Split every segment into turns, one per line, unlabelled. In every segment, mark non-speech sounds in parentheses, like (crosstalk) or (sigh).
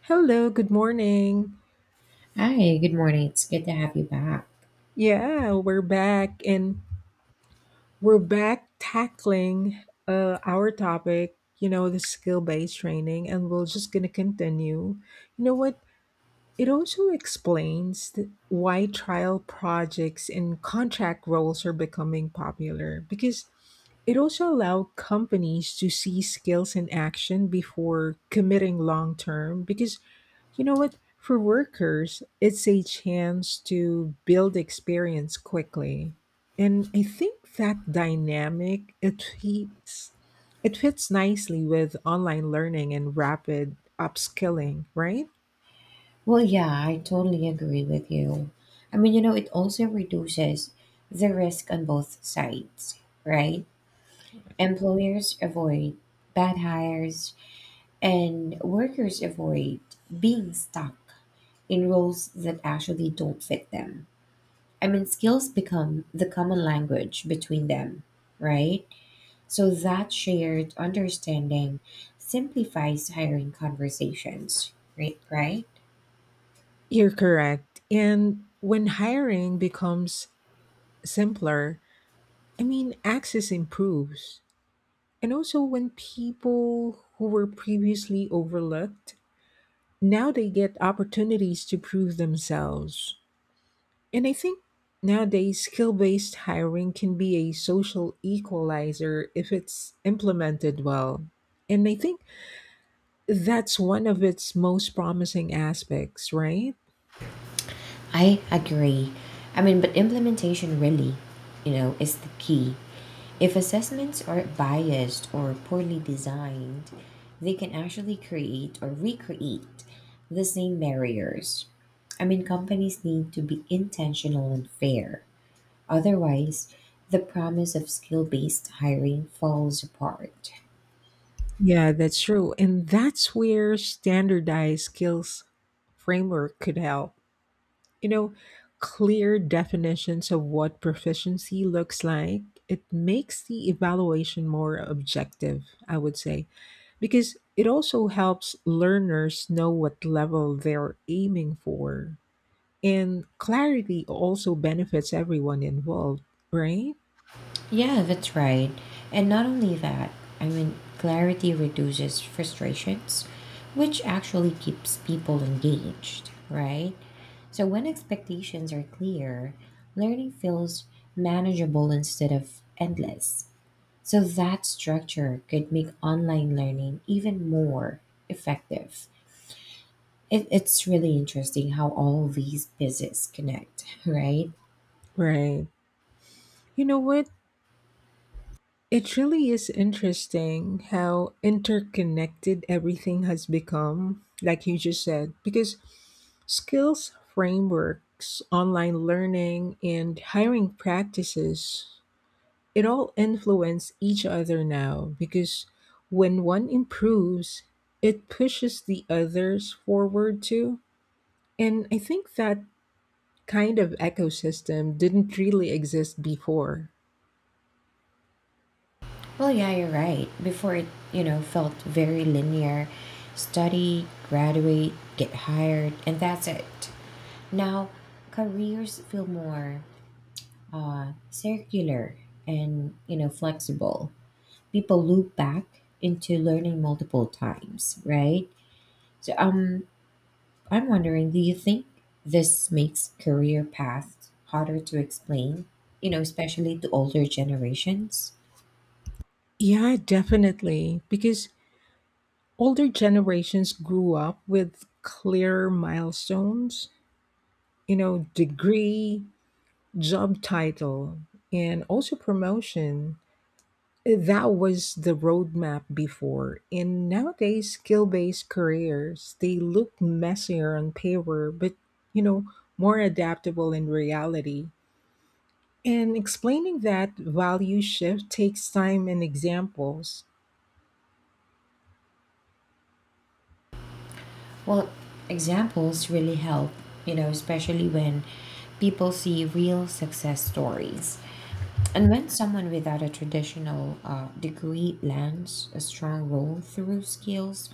Hello, good morning.
Hi, good morning. It's good to have you back.
Yeah, we're back and we're back tackling our topic, you know, the skill based training, and we're just going to continue. You know what? It also explains why trial projects and contract roles are becoming popular, because it also allowed companies to see skills in action before committing long term. Because, you know what? For workers, it's a chance to build experience quickly. And I think that dynamic it fits nicely with online learning and rapid upskilling, right?
Well, yeah, I totally agree with you. It also reduces the risk on both sides, right? Employers avoid bad hires, and workers avoid being stuck in roles that actually don't fit them. Skills become the common language between them, right? So that shared understanding simplifies hiring conversations, right? Right?
You're correct. And when hiring becomes simpler, I mean access improves. And also, when people who were previously overlooked, now they get opportunities to prove themselves. And I think nowadays, skill based hiring can be a social equalizer if it's implemented well. And I think that's one of its most promising aspects, right?
I agree. But implementation really, is the key. If assessments are biased or poorly designed, they can actually create or recreate the same barriers. Companies need to be intentional and fair. Otherwise, the promise of skill based hiring falls apart.
Yeah, that's true. And that's where standardized skills framework could help. You know, clear definitions of what proficiency looks like, it makes the evaluation more objective, I would say, because it also helps learners know what level they're aiming for. And clarity also benefits everyone involved, right?
Yeah, that's right. And not only that, clarity reduces frustrations, which actually keeps people engaged, right? So when expectations are clear, learning feels manageable instead of endless. So that structure could make online learning even more effective. It's really interesting how all these pieces connect, (laughs) right?
Right. You know what? It really is interesting how interconnected everything has become, like you just said, because skills frameworks, online learning, and hiring practices, it all influence each other now, because when one improves, it pushes the others forward too. And I think that kind of ecosystem didn't really exist before.
Well, yeah, you're right. Before it, felt very linear study, graduate, get hired, and that's it. Now, careers feel more circular and, flexible. People loop back into learning multiple times, right? So I'm wondering, do you think this makes career paths harder to explain, especially to older generations?
Yeah, definitely. Because older generations grew up with clear milestones, you know, degree, job title and also promotion, that was the roadmap before. And nowadays skill-based careers, they look messier on paper but, you know, more adaptable in reality, and explaining that value shift takes time and examples.
Well, examples really help, especially when people see real success stories. And when someone without a traditional degree lands a strong role through skills,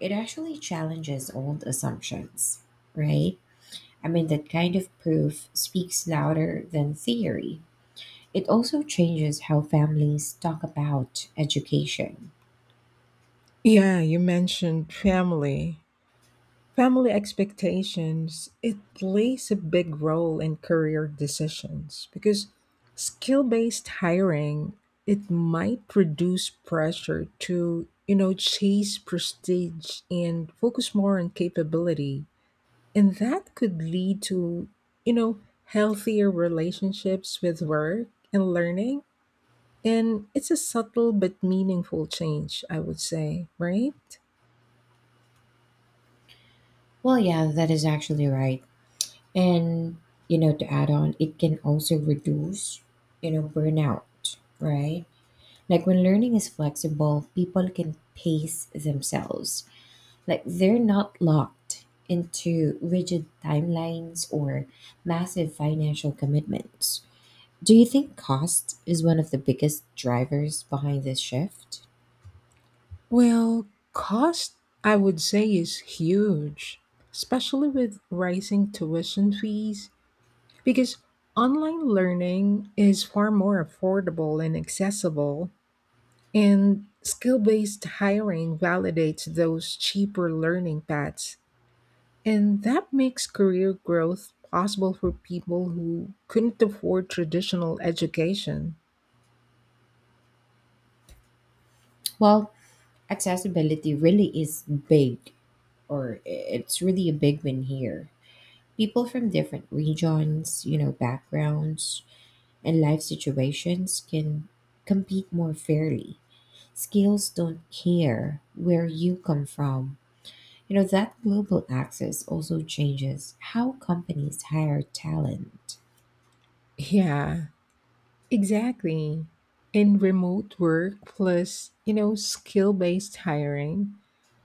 it actually challenges old assumptions, right? That kind of proof speaks louder than theory. It also changes how families talk about education.
Yeah, you mentioned family. Family expectations, it plays a big role in career decisions because skill-based hiring, it might produce pressure to, you know, chase prestige and focus more on capability. And that could lead to, you know, healthier relationships with work and learning. And it's a subtle but meaningful change, I would say, right?
Well, yeah, that is actually right. And, to add on, it can also reduce, burnout, right? Like when learning is flexible, people can pace themselves. Like they're not locked into rigid timelines or massive financial commitments. Do you think cost is one of the biggest drivers behind this shift?
Well, cost, I would say, is huge, especially with rising tuition fees, because online learning is far more affordable and accessible, and skill based hiring validates those cheaper learning paths. And that makes career growth possible for people who couldn't afford traditional education.
Well, accessibility really is big, or it's really a big win here. People from different regions, backgrounds, and life situations can compete more fairly. Scales don't care where you come from. You know, that global access also changes how companies hire talent.
Yeah, exactly. And remote work plus, you know, skill-based hiring,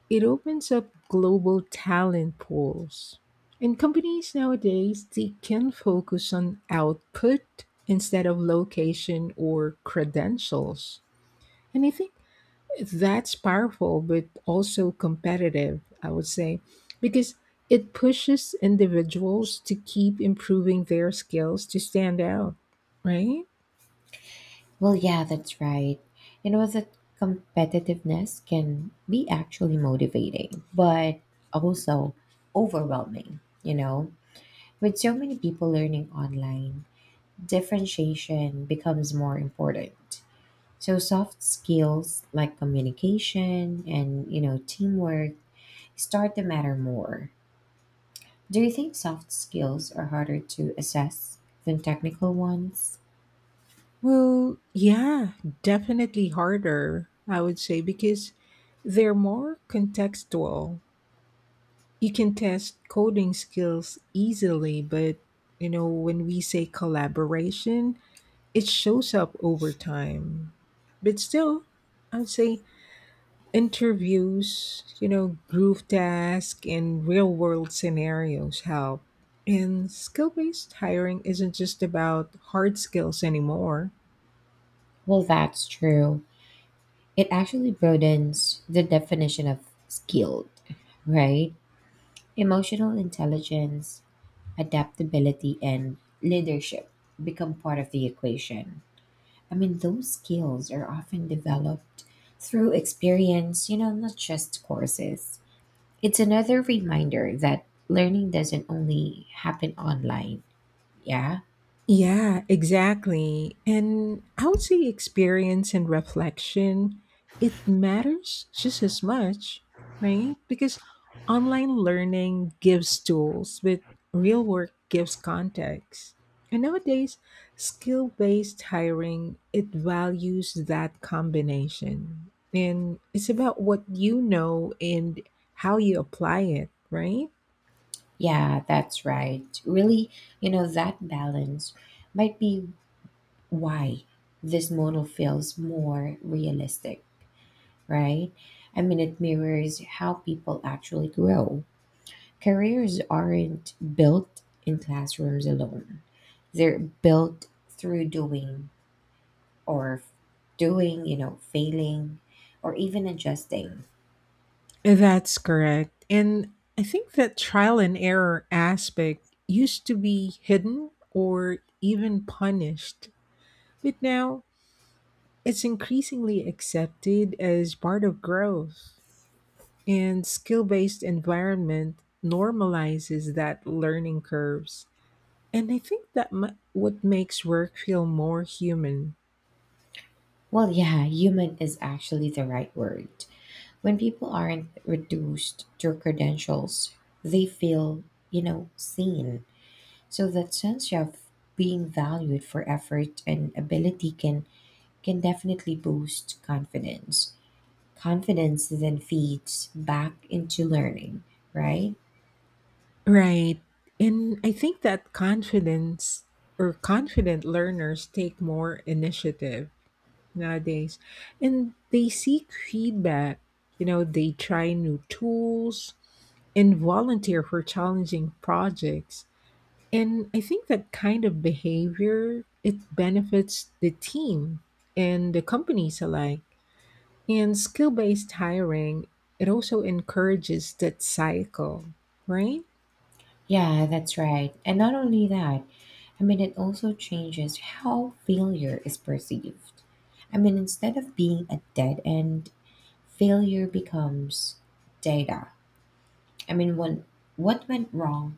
it opens up global talent pools. And companies nowadays, they can focus on output instead of location or credentials. And I think that's powerful but also competitive, I would say, because it pushes individuals to keep improving their skills to stand out, right?
Well, yeah, that's right. You know, that competitiveness can be actually motivating, but also overwhelming. With so many people learning online, differentiation becomes more important. So soft skills like communication and teamwork start to matter more. Do you think soft skills are harder to assess than technical ones?
Well, yeah, definitely harder, I would say, because they're more contextual. You can test coding skills easily, but you know, when we say collaboration, it shows up over time. But still, I would say interviews, you know, group tasks and real world scenarios help. And skill based hiring isn't just about hard skills anymore.
Well, that's true. It actually broadens the definition of skilled, right? Emotional intelligence, adaptability and leadership become part of the equation. Those skills are often developed through experience, not just courses. It's another reminder that learning doesn't only happen online. Yeah.
Yeah, exactly. And I would say experience and reflection, it matters just as much, right? Because online learning gives tools, but real work gives context. And nowadays, skill-based hiring, it values that combination. And it's about what you know and how you apply it, right?
Yeah, that's right. Really, that balance might be why this model feels more realistic, right? It mirrors how people actually grow. Careers aren't built in classrooms alone. They're built through doing or doing, failing or even adjusting.
That's correct. And I think that trial and error aspect used to be hidden or even punished, but now it's increasingly accepted as part of growth. And skill based environment normalizes that learning curves. And I think that what makes work feel more human.
Well, yeah, human is actually the right word. When people aren't reduced to credentials, they feel, seen. So that sense of being valued for effort and ability can definitely boost confidence. Confidence then feeds back into learning, right?
Right. And I think that confidence or confident learners take more initiative nowadays, and they seek feedback, you know, they try new tools and volunteer for challenging projects. And I think that kind of behavior, it benefits the team and the companies alike. And skill-based hiring, it also encourages that cycle, right?
Yeah, that's right. And not only that, it also changes how failure is perceived. I mean, instead of being a dead end, failure becomes data. I mean, when, what went wrong,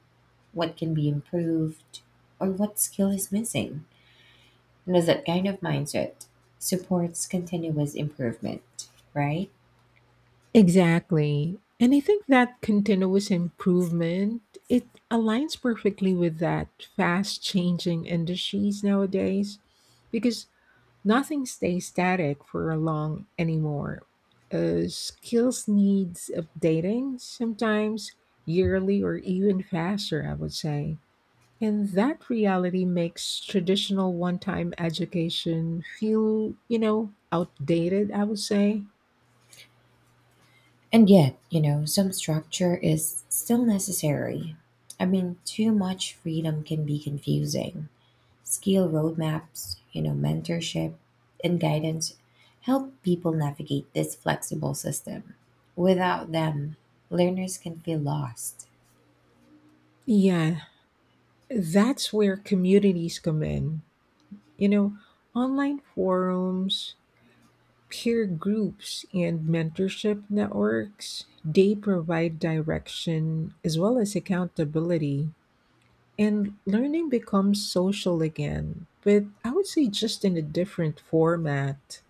what can be improved, or what skill is missing. You know, that kind of mindset supports continuous improvement, right?
Exactly. And I think that continuous improvement, it aligns perfectly with that fast changing industries nowadays, because nothing stays static for long anymore. Skills needs updating sometimes yearly or even faster, I would say. And that reality makes traditional one time education feel, you know, outdated, I would say.
And yet, some structure is still necessary. I mean, too much freedom can be confusing. Skill roadmaps, mentorship, and guidance help people navigate this flexible system. Without them, learners can feel lost.
Yeah, that's where communities come in. You know, online forums, peer groups, and mentorship networks, they provide direction as well as accountability. And learning becomes social again, but I would say just in a different format.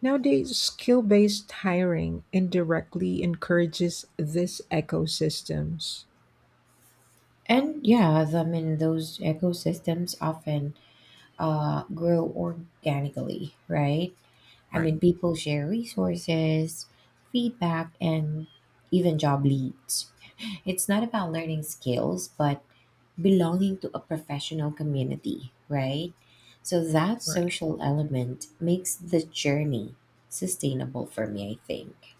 Nowadays, skill based hiring indirectly encourages this ecosystems.
And yeah, those ecosystems often grow organically, right?
Right,
People share resources, feedback, and even job leads. (laughs) It's not about learning skills, but belonging to a professional community, right? So that
right.
social element makes the journey sustainable for me, I think.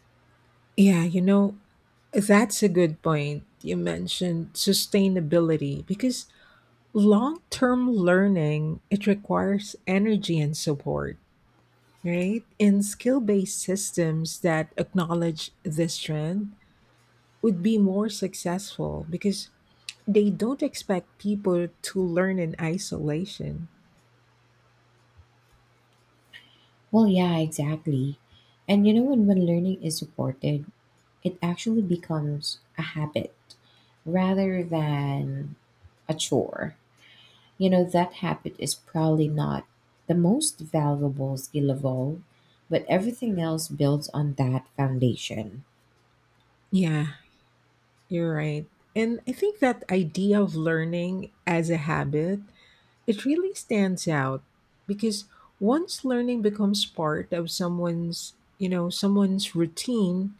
Yeah, you know, that's a good point you mentioned sustainability, because long-term learning, it requires energy and support, right? And skill-based systems that acknowledge this trend would be more successful because they don't expect people to learn in isolation.
Well, yeah, exactly. And you know, when learning is supported, it actually becomes a habit rather than a chore. You know, that habit is probably not the most valuable skill of all, but everything else builds on that foundation.
Yeah, you're right. And I think that idea of learning as a habit, it really stands out because once learning becomes part of someone's routine,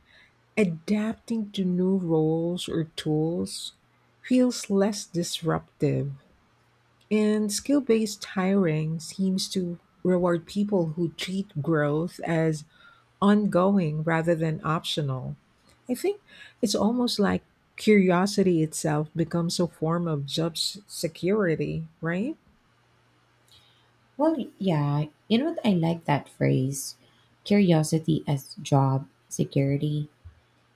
adapting to new roles or tools feels less disruptive. And skill based hiring seems to reward people who treat growth as ongoing rather than optional. I think it's almost like curiosity itself becomes a form of job security, right?
Well, yeah, you know what? I like that phrase curiosity as job security.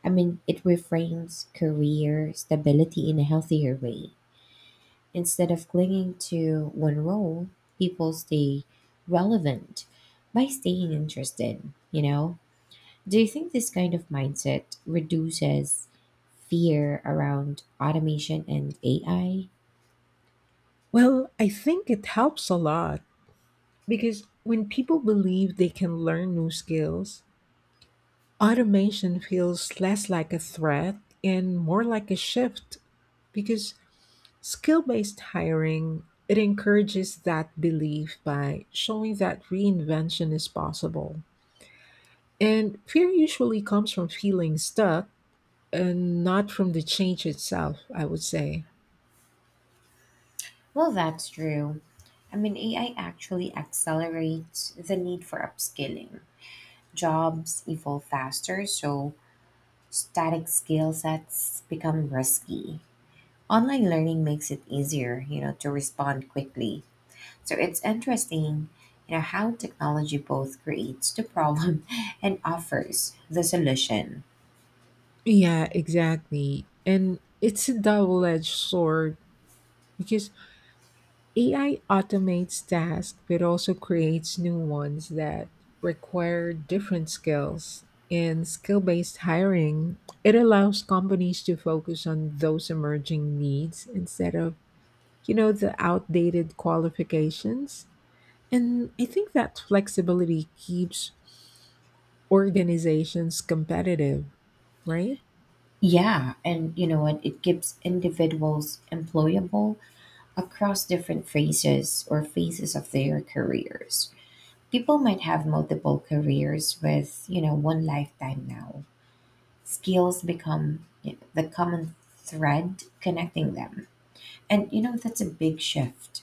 It reframes career stability in a healthier way. Instead of clinging to one role, people stay relevant by staying interested, you know? Do you think this kind of mindset reduces fear around automation and AI?
Well, I think it helps a lot because when people believe they can learn new skills, automation feels less like a threat and more like a shift, because skill-based hiring, it encourages that belief by showing that reinvention is possible. And fear usually comes from feeling stuck and not from the change itself, I would say.
Well, that's true. AI actually accelerates the need for upskilling. Jobs evolve faster, so static skill sets become risky. Online learning makes it easier, to respond quickly. So it's interesting, how technology both creates the problem (laughs) and offers the solution.
Yeah, exactly. And it's a double edged sword because AI automates tasks but also creates new ones that require different skills. In skill based hiring, it allows companies to focus on those emerging needs instead of, you know, the outdated qualifications. And I think that flexibility keeps organizations competitive, right?
Yeah, and you know what? It keeps individuals employable across different phases of their careers. People might have multiple careers with, one lifetime now. Skills become the common thread connecting them. And, that's a big shift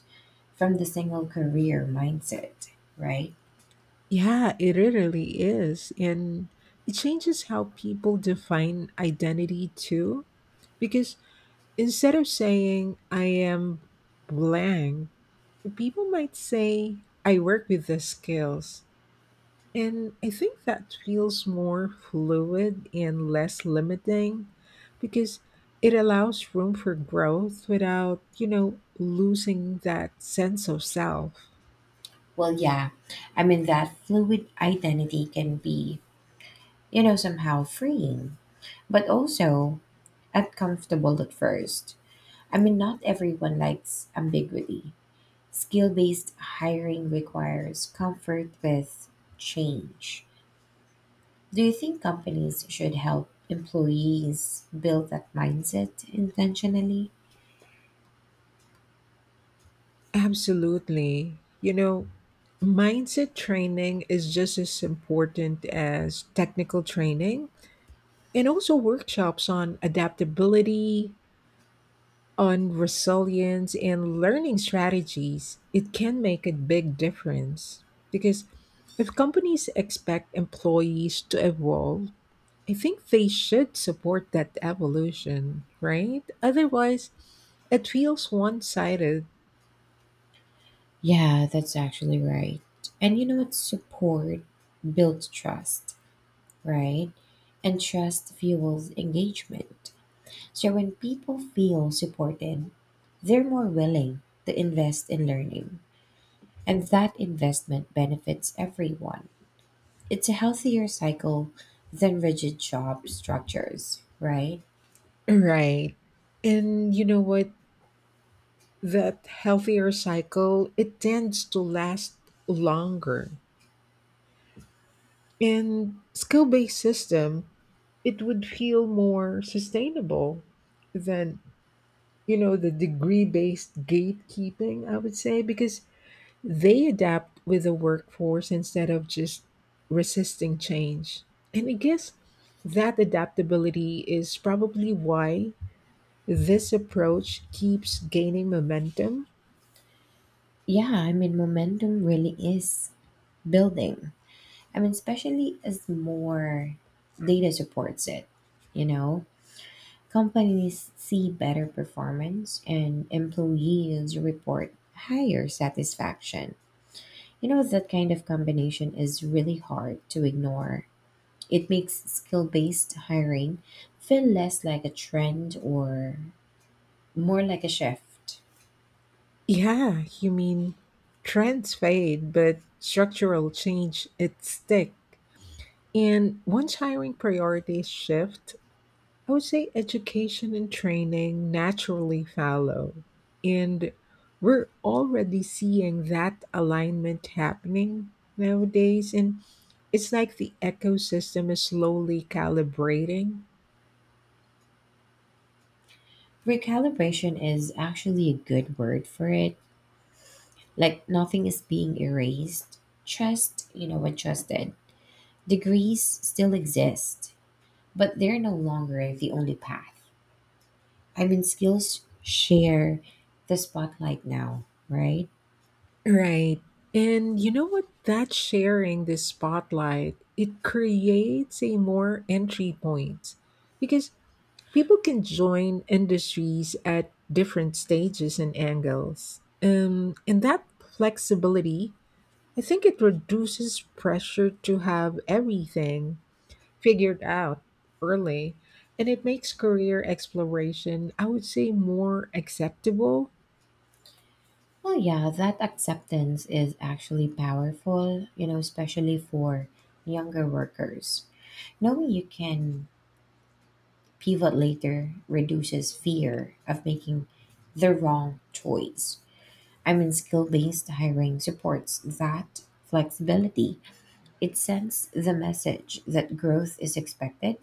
from the single career mindset, right?
Yeah, it really is. And it changes how people define identity too, because instead of saying I am blank, people might say I work with the skills. And I think that feels more fluid and less limiting because it allows room for growth without, you know, losing that sense of self.
Well, yeah. I mean, that fluid identity can be, somehow freeing, but also uncomfortable at first. I mean, not everyone likes ambiguity. Skill based hiring requires comfort with change. Do you think companies should help employees build that mindset intentionally?
Absolutely. You know, mindset training is just as important as technical training, and also workshops on adaptability, on resilience, and learning strategies, it can make a big difference. Because if companies expect employees to evolve, I think they should support that evolution, right? Otherwise, it feels one sided. (laughs)
Yeah, that's actually right. And you know what? Support builds trust, right? And trust fuels engagement. So when people feel supported, they're more willing to invest in learning, and that investment benefits everyone. It's a healthier cycle than rigid job structures, right?
Right. And you know what? That healthier cycle, it tends to last longer. And skill based system, it would feel more sustainable than, you know, the degree based gatekeeping, I would say, because they adapt with the workforce instead of just resisting change. And I guess that adaptability is probably why this approach keeps gaining momentum.
Yeah, momentum really is building. Especially as more data supports it, you know? Companies see better performance and employees report higher satisfaction. You know, that kind of combination is really hard to ignore. It makes skill based hiring feel less like a trend or more like a shift.
Yeah, you mean trends fade but structural change it stick. And once hiring priorities shift, I would say education and training naturally follow. And we're already seeing that alignment happening nowadays. And it's like the ecosystem is slowly calibrating.
Recalibration is actually a good word for it. Like nothing is being erased, just, adjusted. Degrees still exist, but they're no longer the only path. I mean, skills share the spotlight now, right?
Right. And you know what? That sharing the spotlight, it creates a more entry point because people can join industries at different stages and angles. And that flexibility, I think it reduces pressure to have everything figured out early. And it makes career exploration, I would say, more acceptable.
Well, yeah, that acceptance is actually powerful, especially for younger workers. Knowing you can pivot later reduces fear of making the wrong choice. I mean, skill based hiring supports that flexibility. It sends the message that growth is expected,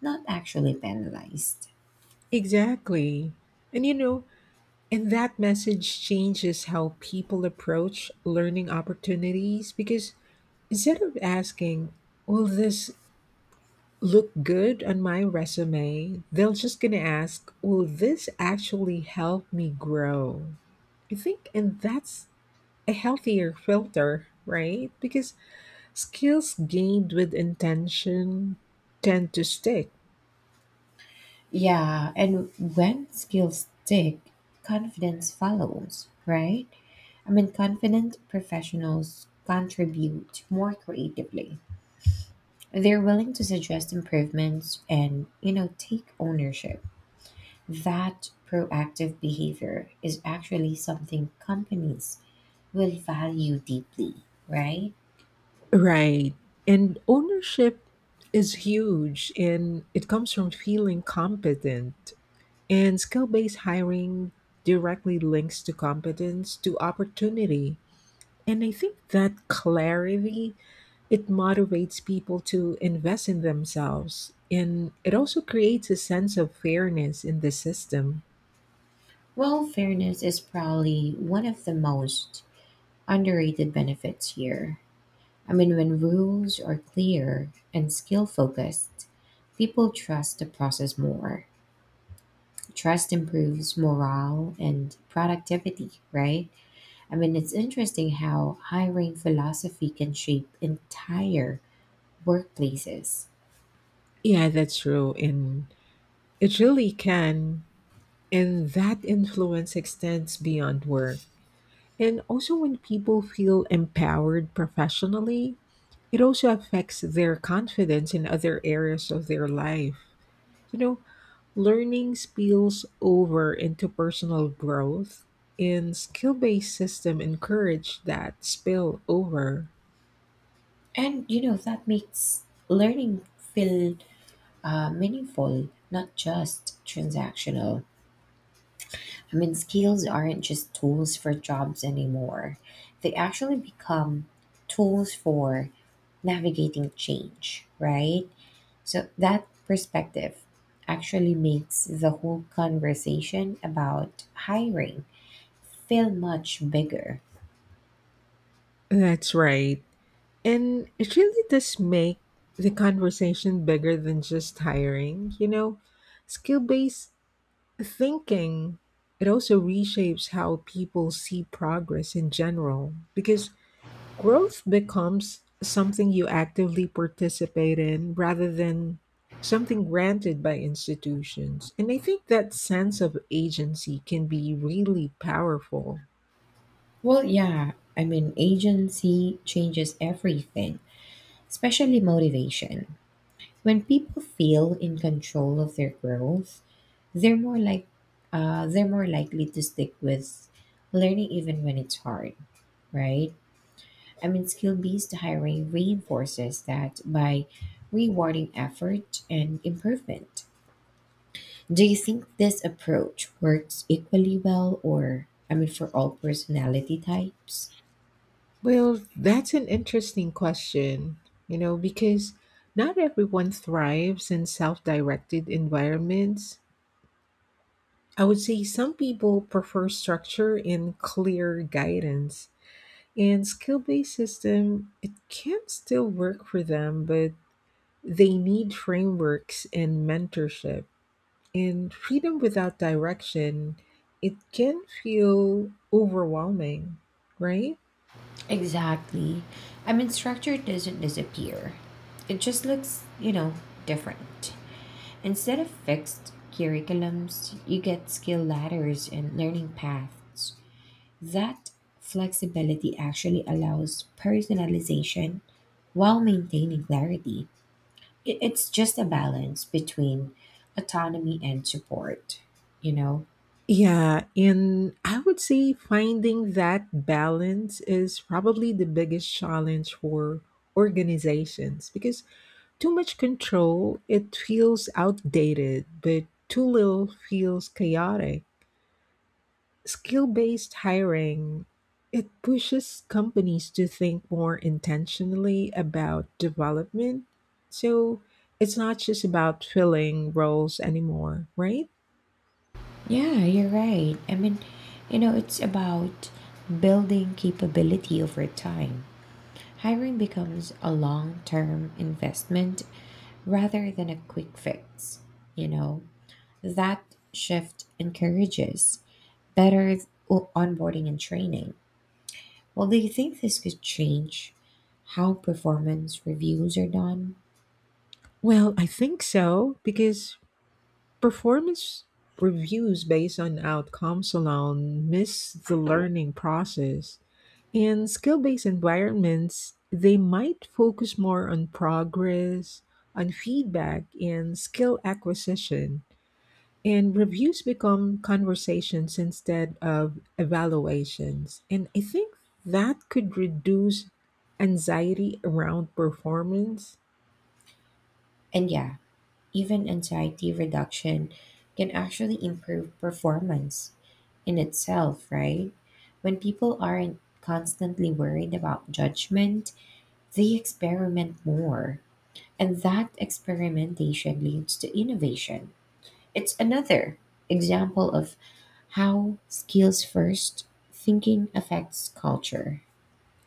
not actually penalized.
Exactly. And you know, and that message changes how people approach learning opportunities, because instead of asking, will this look good on my resume, they're just going to ask, will this actually help me grow? I think, and that's a healthier filter, right? Because skills gained with intention tend to stick.
Yeah, and when skills stick, confidence follows, right? Confident professionals contribute more creatively. They're willing to suggest improvements and, take ownership. That proactive behavior is actually something companies will value deeply, right?
Right. And ownership is huge, and it comes from feeling competent. And skill based hiring directly links to competence to opportunity. And I think that clarity, it motivates people to invest in themselves, and it also creates a sense of fairness in the system.
Well, fairness is probably one of the most underrated benefits here. I mean, when rules are clear and skill focused, people trust the process more. Trust improves morale and productivity, right? I mean, it's interesting how hiring philosophy can shape entire workplaces.
Yeah, that's true. And it really can. And that influence extends beyond work. And also, when people feel empowered professionally, it also affects their confidence in other areas of their life. You know, learning spills over into personal growth, and skill based system encourage that spill over.
And, that makes learning feel meaningful, not just transactional. I mean, skills aren't just tools for jobs anymore, they actually become tools for navigating change, right? So that perspective actually makes the whole conversation about hiring feel much bigger.
That's right. And it really does make the conversation bigger than just hiring. You know, skill based thinking, it also reshapes how people see progress in general, because growth becomes something you actively participate in rather than something granted by institutions. And I think that sense of agency can be really powerful.
Well, yeah, agency changes everything, especially motivation. When people feel in control of their growth, they're more like they're more likely to stick with learning even when it's hard, right? I mean, skill based hiring reinforces that by rewarding effort and improvement. Do you think this approach works equally well or for all personality types?
Well, that's an interesting question, you know, because not everyone thrives in self directed environments. I would say some people prefer structure and clear guidance. And skill based system, it can still work for them, but they need frameworks and mentorship. And freedom without direction, it can feel overwhelming, right?
Exactly. I mean, structure doesn't disappear, it just looks, different. Instead of fixed curriculums, you get skill ladders and learning paths. That flexibility actually allows personalization while maintaining clarity. It's just a balance between autonomy and support, you know?
Yeah, and I would say finding that balance is probably the biggest challenge for organizations because too much control, it feels outdated, but too little feels chaotic. Skill based hiring, it pushes companies to think more intentionally about development. So it's not just about filling roles anymore, right?
Yeah, you're right. It's about building capability over time. Hiring becomes a long term investment rather than a quick fix, you know? That shift encourages better onboarding and training. Well, do you think this could change how performance reviews are done?
Well, I think so because performance reviews based on outcomes alone miss the learning process. In skill based environments, they might focus more on progress, on feedback, and skill acquisition. And reviews become conversations instead of evaluations. And I think that could reduce anxiety around performance.
And yeah, even anxiety reduction can actually improve performance in itself, right? When people aren't constantly worried about judgment, they experiment more. And that experimentation leads to innovation. It's another example of how skills first thinking affects culture.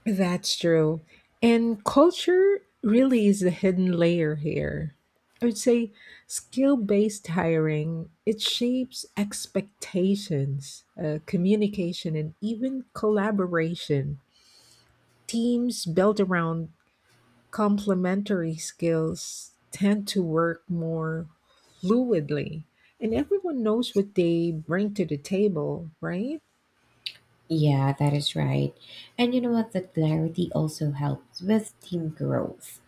That's true. And culture really is the hidden layer here. I would say skill-based hiring, it shapes expectations, communication, and even collaboration. Teams built around complementary skills tend to work more fluidly, and everyone knows what they bring to the table, right?
Yeah, that is right. And you know what? That clarity also helps with team growth.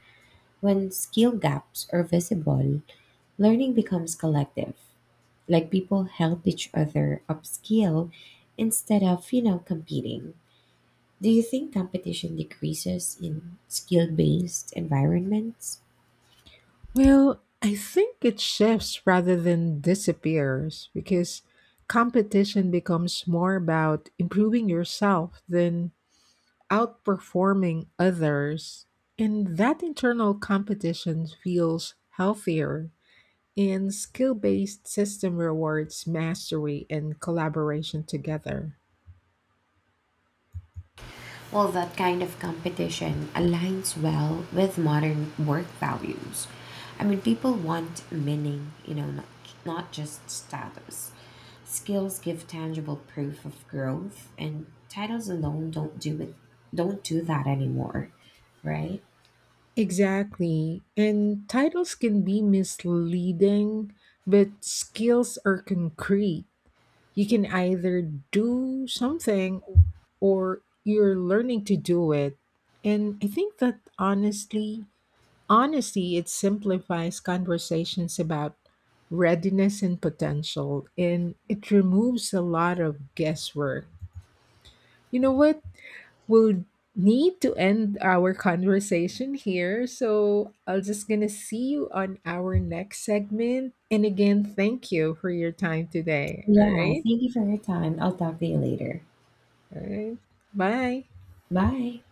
When skill gaps are visible, learning becomes collective. Like people help each other upskill instead of, competing. Do you think competition decreases in skill based environments?
Well, I think it shifts rather than disappears, because competition becomes more about improving yourself than outperforming others. And that internal competition feels healthier. And skill-based system rewards mastery and collaboration together.
Well, that kind of competition aligns well with modern work values. People want meaning, not just status. Skills give tangible proof of growth, and titles alone don't do it. Don't do that anymore, right?
Exactly. And titles can be misleading, but skills are concrete. You can either do something or you're learning to do it. And I think that honesty it simplifies conversations about readiness and potential, and it removes a lot of guesswork. You know what? We'll need to end our conversation here. So I'll just gonna see you on our next segment. And again, thank you for your time today. All
Yeah,
right.
thank you for your time. I'll talk to you later.
All right. Bye.
Bye.